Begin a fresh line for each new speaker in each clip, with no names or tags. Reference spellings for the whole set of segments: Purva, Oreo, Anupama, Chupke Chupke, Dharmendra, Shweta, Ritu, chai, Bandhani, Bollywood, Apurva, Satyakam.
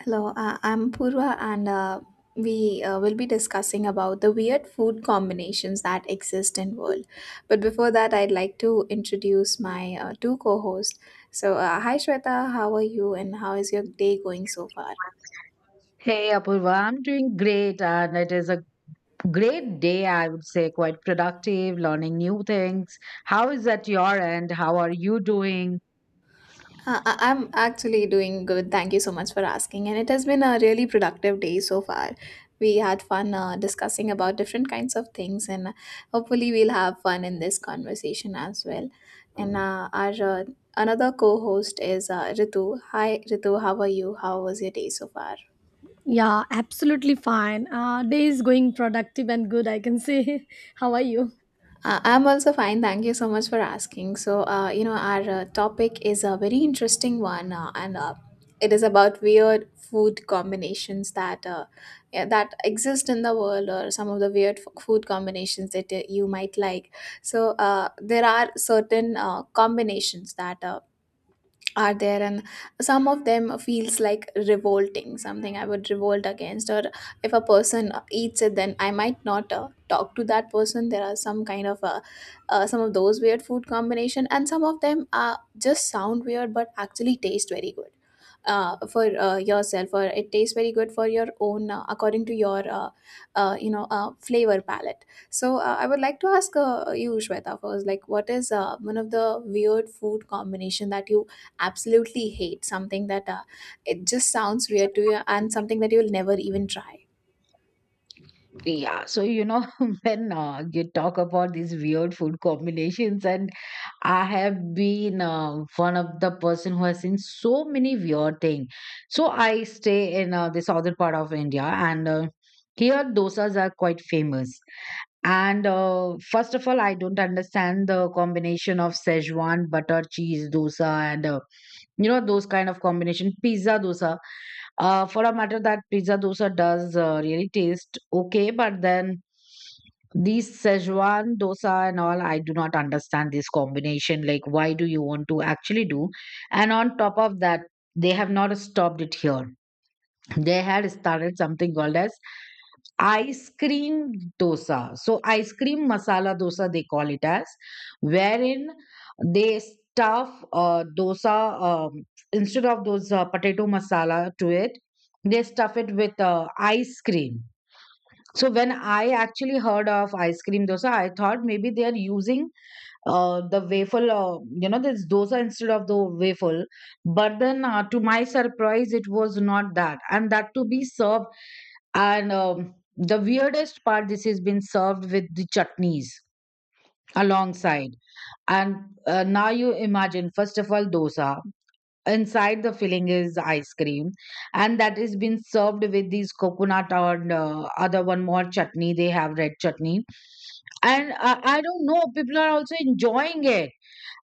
Hello, I'm Purva, and we will be discussing about the weird food combinations that exist in world. But before that, I'd like to introduce my two co-hosts. Hi Shweta, how are you, and how is your day going so far?
Hey Apurva, I'm doing great, and it is a great day, I would say, quite productive, learning new things. How is at your end? How are you doing?
I'm actually doing good. Thank you so much for asking. And it has been a really productive day so far. We had fun discussing about different kinds of things, and hopefully, we'll have fun in this conversation as well. And our another co host is Ritu. Hi, Ritu, how are you? How was your day so far?
Yeah, absolutely fine. Day is going productive and good, I can say. How are you?
I'm also fine. Thank you so much for asking. So our topic is a very interesting one, and it is about weird food combinations that exist in the world, or some of the weird food combinations that you might like. So, there are certain combinations that are there and some of them feels like revolting, something I would revolt against. Or if a person eats it, then I might not talk to that person. There are some kind of some of those weird food combination, and some of them are just sound weird but actually taste very good for yourself, or it tastes very good for your own, according to your flavor palette. So I would like to ask you Shweta first, like, what is one of the weird food combination that you absolutely hate, something that it just sounds weird to you and something that you'll never even try.
Yeah, when you talk about these weird food combinations, and I have been one of the person who has seen so many weird things. So I stay in the southern part of India, and here dosas are quite famous. And first of all, I don't understand the combination of Szechuan butter cheese dosa and, those kind of combination pizza dosa. For a matter that pizza dosa does really taste okay, but then these Szechuan dosa and all, I do not understand this combination. Like, why do you want to actually do? And on top of that, they have not stopped it here. They had started something called as ice cream dosa. So, ice cream masala dosa, they call it as, wherein they stuff dosa, instead of those potato masala to it, they stuff it with ice cream. So, when I actually heard of ice cream dosa, I thought maybe they are using the waffle, this dosa instead of the waffle. But then, to my surprise, it was not that. And that to be served. And the weirdest part, this has been served with the chutneys alongside. And now you imagine, first of all, dosa. Inside the filling is ice cream, and that is been served with these coconut or other one more chutney. They have red chutney, and I don't know. People are also enjoying it.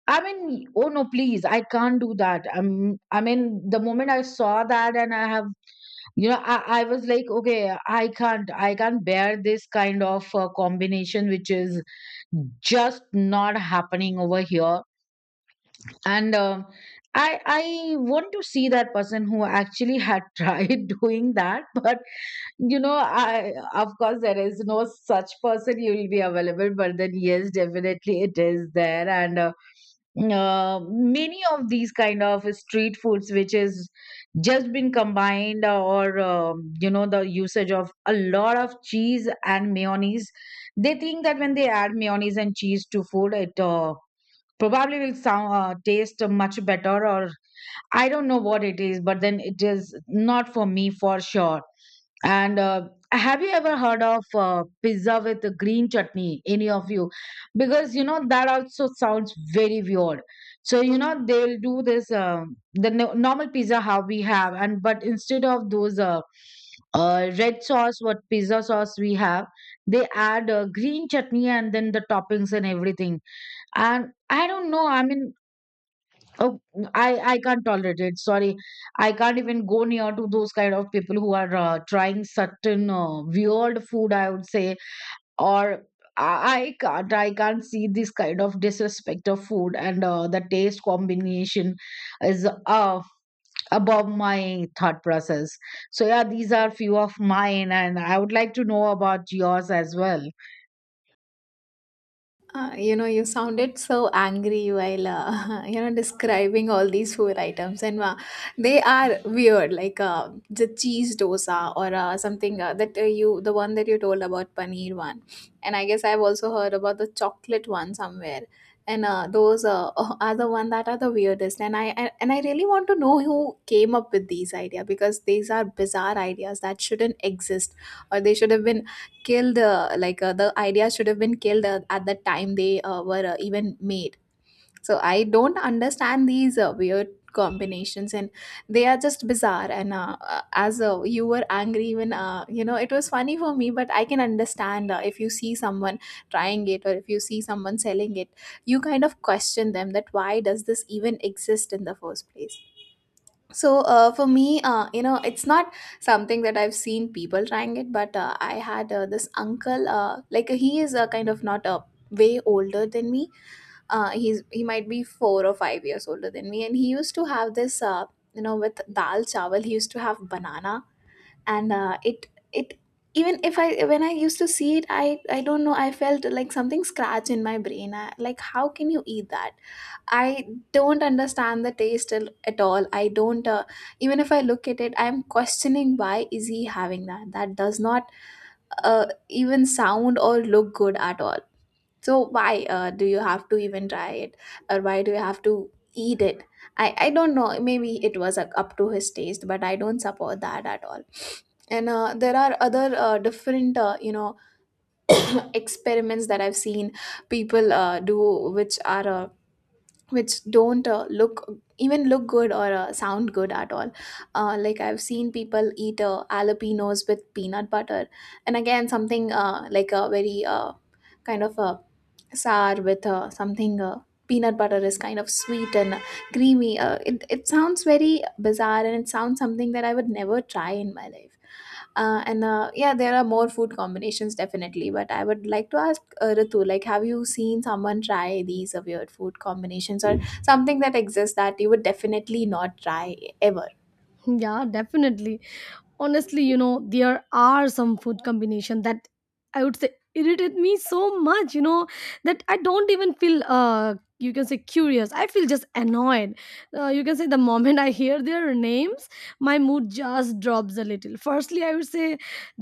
I mean, oh no, please, I can't do that. I mean, the moment I saw that, and I have, I was like, okay, I can't bear this kind of combination, which is just not happening over here. And I want to see that person who actually had tried doing that, but you know, I, of course, there is no such person you will be available. But then, yes, definitely, it is there. And. Many of these kind of street foods which is just been combined, or you know the usage of a lot of cheese and mayonnaise. They think that when they add mayonnaise and cheese to food, it probably will sound, taste much better, or I don't know what it is, but then it is not for me for sure. and Have you ever heard of pizza with a green chutney? Any of you? Because you know that also sounds very weird. So you know they'll do this, the no- normal pizza how we have, and but instead of those red sauce, what pizza sauce we have, they add green chutney and then the toppings and everything. And I don't know. I mean, oh, I I can't tolerate it. Sorry, I can't even go near to those kind of people who are trying certain weird food. I would say, or I can't see this kind of disrespect of food, and the taste combination is above my thought process. So yeah, these are few of mine, and I would like to know about yours as well.
You know, you sounded so angry while you know describing all these food items, and they are weird, like the cheese dosa or something that you, the one that you told about paneer one, and I guess I've also heard about the chocolate one somewhere, and those are the one that are the weirdest, and I really want to know who came up with these idea, because these are bizarre ideas that shouldn't exist, or they should have been killed, like the idea should have been killed at the time they were even made. So I don't understand these weird combinations, and they are just bizarre. And as you were angry, even you know, it was funny for me, but I can understand if you see someone trying it, or if you see someone selling it, you kind of question them that why does this even exist in the first place. So for me, you know, it's not something that I've seen people trying it, but I had this uncle. Like, he is kind of not a way older than me. He might be 4 or 5 years older than me, and he used to have this. You know, with dal chawal, he used to have banana, and it it even if I, when I used to see it, I don't know. I felt like something scratch in my brain. I, like, how can you eat that? I don't understand the taste at all. I don't, even if I look at it, I'm questioning, why is he having that? That does not even sound or look good at all. So why do you have to even try it, or why do you have to eat it? I don't know. Maybe it was up to his taste, but I don't support that at all. And there are other different you know experiments that I've seen people do, which are. Which don't look, even look good or sound good at all. Like I've seen people eat jalapenos with peanut butter, and again, something like a very kind of a sour with something, peanut butter is kind of sweet and creamy. It sounds very bizarre, and it sounds something that I would never try in my life. And yeah, there are more food combinations definitely, but I would like to ask Ritu, like, have you seen someone try these weird food combinations, or something that exists that you would definitely not try ever?
Yeah, definitely. Honestly, you know, there are some food combination that I would say irritate me so much, you know, that I don't even feel you can say curious. I feel just annoyed. You can say the moment I hear their names, my mood just drops a little. Firstly, I would say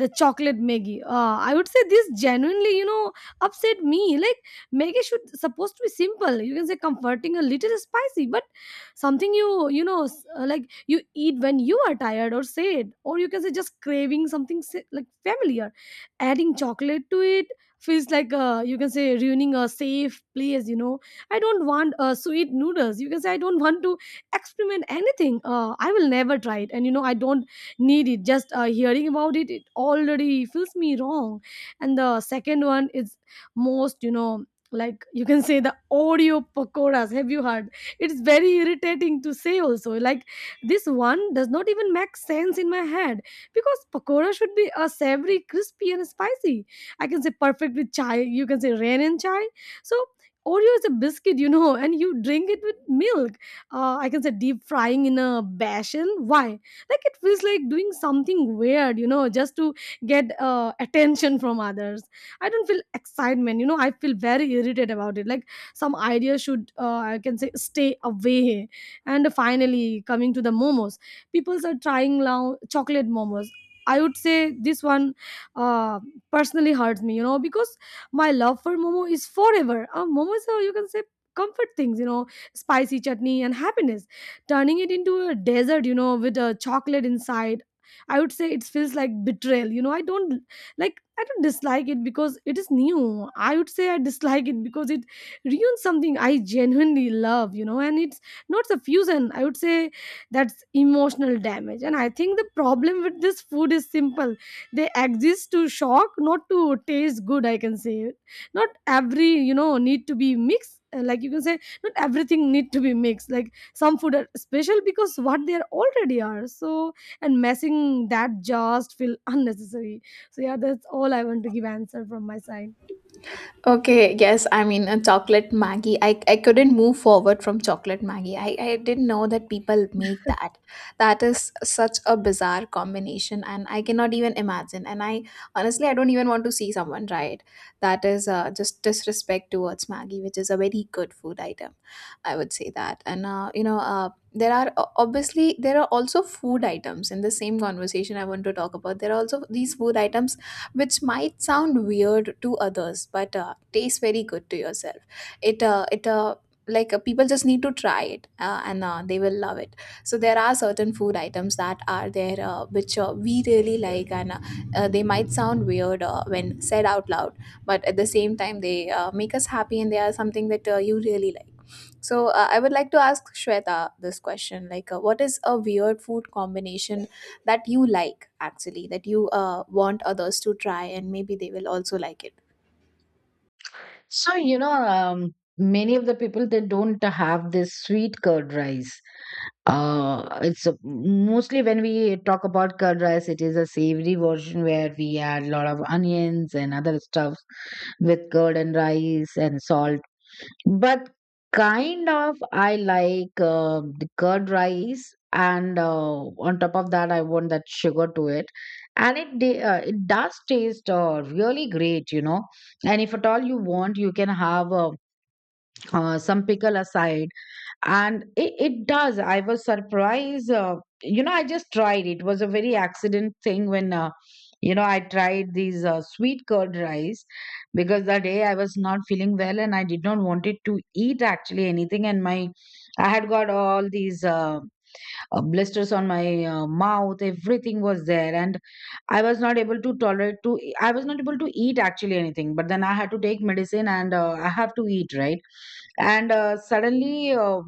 the chocolate Maggie, I would say this genuinely, you know, upset me. Like, Maggie should supposed to be simple, you can say, comforting, a little spicy, but something you, like you eat when you are tired or sad, or you can say just craving something like familiar. Adding chocolate to it feels like, you can say, ruining a safe place, you know. I don't want sweet noodles. You can say I don't want to experiment anything. I will never try it, and you know, I don't need it. Just hearing about it, it already feels me wrong. And the second one is most, you know, like you can say the Oreo pakoras. Have you heard? It's very irritating to say also. Like, this one does not even make sense in my head, because pakora should be a savory, crispy, and spicy. I can say perfect with chai. You can say rain and chai. So Oreo is a biscuit, you know, and you drink it with milk. I can say deep frying in a bashin. Why? Like it feels like doing something weird, you know, just to get attention from others. I don't feel excitement, you know. I feel very irritated about it. Like, some idea should, I can say, stay away. And finally, coming to the momos, people are trying now chocolate momos. I would say this one uh, personally hurts me, you know, because my love for momo is forever. Momos are, you can say, comfort things, you know, spicy chutney and happiness. Turning it into a desert, you know, with a chocolate inside, I would say it feels like betrayal. You know, I don't dislike it because it is new. I would say I dislike it because it ruins something I genuinely love, you know, and it not suffusion, I would say. That's emotional damage. And I think the problem with this food is simple: they exist to shock, not to taste good, I can say. Not every, you know, need to be mixed. Like, you can say, not everything need to be mixed. Like some food are special because what they are already are, so and messing that just feel unnecessary. So yeah, that's all I want to give answer from my side.
Okay, yes, I mean, a chocolate Maggie. I couldn't move forward from chocolate Maggie. I didn't know that people make that. That is such a bizarre combination, and I cannot even imagine. And I honestly, I don't even want to see someone try it. That is just disrespect towards Maggie, which is a very good food item. I would say that. And you know, there are obviously there are also food items in the same conversation I want to talk about. There are also these food items which might sound weird to others, but tastes very good to yourself. It it like people just need to try it, and they will love it. So there are certain food items that are there which we really like, and they might sound weird when said out loud, but at the same time, they make us happy, and they are something that you really like. So I would like to ask Shweta this question: like, what is a weird food combination that you like actually, that you want others to try, and maybe they will also like it.
So you know, many of the people they don't have this sweet curd rice. It's a, mostly when we talk about curd rice, it is a savory version where we add a lot of onions and other stuff with curd and rice and salt. But kind of, I like the curd rice, and on top of that, I want that sugar to it. And it does taste really great, you know. And if at all you want, you can have some pickle aside, and it does. I was surprised. I just tried, it was a very accident thing when, I tried these sweet curd rice, because that day I was not feeling well and I did not wanted to eat actually anything, and my I had got all these blisters on my mouth, everything was there, and I was not able to tolerate to I was not able to eat actually anything, but then I had to take medicine, and I have to eat, right? And suddenly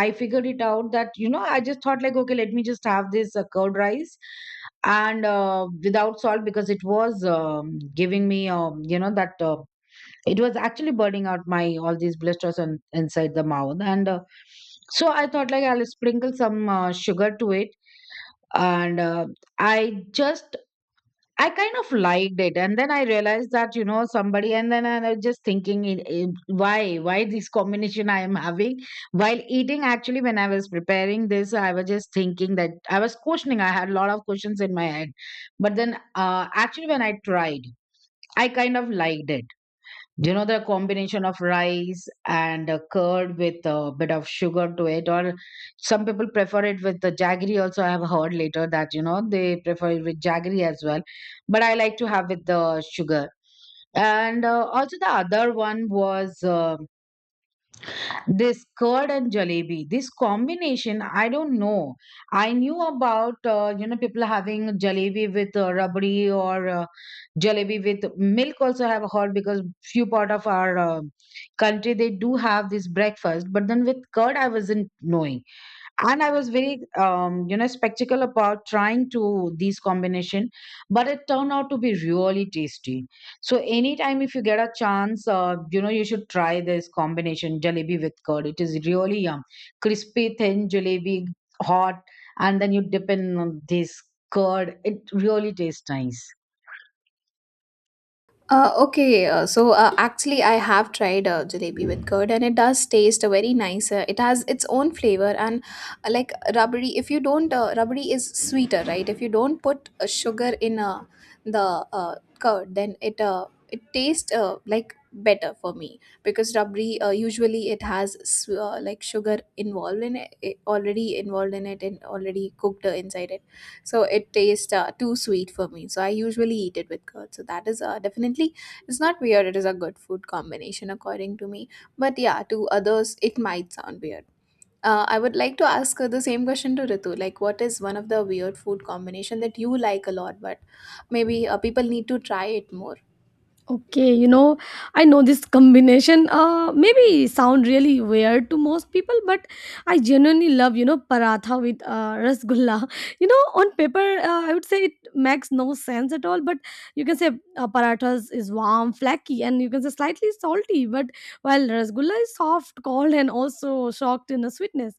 I figured it out that, you know, I just thought like, okay, let me just have this curd rice, and without salt, because it was, giving me, that, it was actually burning out my all these blisters on inside the mouth, and so I thought like I'll sprinkle some sugar to it, and i just I kind of liked it. And then I realized that, you know, somebody, and then I was just thinking why this combination I am having while eating. Actually, when I was preparing this, I was just thinking that, I was questioning, I had a lot of questions in my head, but then actually when I tried, I kind of liked it. Do you know the combination of rice and curd with a bit of sugar to it? Or some people prefer it with the jaggery. Also, I have heard later that, you know, they prefer it with jaggery as well. But I like to have with the sugar. And also, the other one was. This curd and jalebi, this combination, I don't know. I knew about, people having jalebi with rabdi, or jalebi with milk also I have heard, because few part of our country, they do have this breakfast. But then with curd, I wasn't knowing, and I was very, spectacle about trying to these combination, but it turned out to be really tasty. So anytime if you get a chance, you should try this combination, jalebi with curd, it is really yum. Crispy thin jalebi, hot, and then you dip in, this curd, it really tastes nice.
Okay, so actually, I have tried jalebi with curd, and it does taste very nice. It has its own flavor, and like rubbery. If you don't, rubbery is sweeter, right? If you don't put sugar in the curd, then it tastes like better for me, because rubbery usually it has like sugar involved in it, already involved in it, and already cooked inside it. So it tastes too sweet for me, so I usually eat it with curd. So that is definitely, it's not weird, it is a good food combination according to me. But yeah, to others it might sound weird. I would like to ask the same question to Ritu. Like, what is one of the weird food combination that you like a lot, but maybe people need to try it more?
Okay, you know, I know this combination maybe sound really weird to most people, but I genuinely love, you know, paratha with rasgulla. You know, on paper, I would say it makes no sense at all. But you can say parathas is warm, flaky, and you can say slightly salty, but while rasgulla is soft, cold, and also shocked in the sweetness.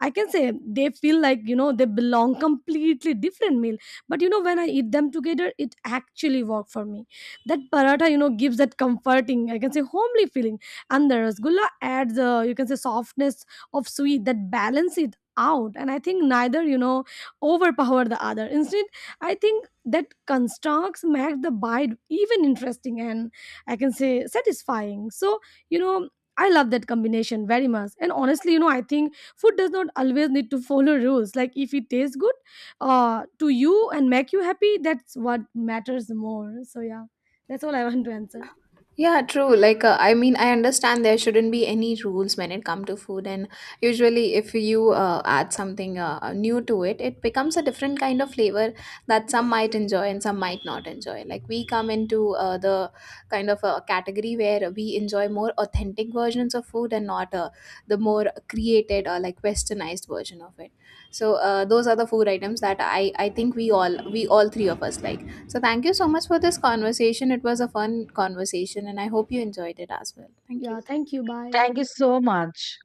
I can say they feel like, you know, they belong completely different meal, but you know, when I eat them together, it actually worked for me. That paratha, you know, gives that comforting, I can say, homely feeling, and the rasgulla adds, you can say, softness of sweet that balance it out. And I think neither, you know, overpower the other. Instead, I think that constructs make the bite even interesting and, I can say, satisfying. So you know, I love that combination very much. And honestly, you know, I think food does not always need to follow rules. Like if it tastes good to you and make you happy, that's what matters more. So yeah, that's all I want to answer.
Yeah, true. Like, I mean, I understand there shouldn't be any rules when it come to food, and usually, if you add something new to it, it becomes a different kind of flavor that some might enjoy and some might not enjoy. Like, we come into the kind of a category where we enjoy more authentic versions of food, and not the more created or like westernized version of it. So, those are the food items that I think we all three of us like. So, thank you so much for this conversation. It was a fun conversation, and I hope you enjoyed it as well. Thank
Yeah,
you.
thank you. Bye.
Thank you so much.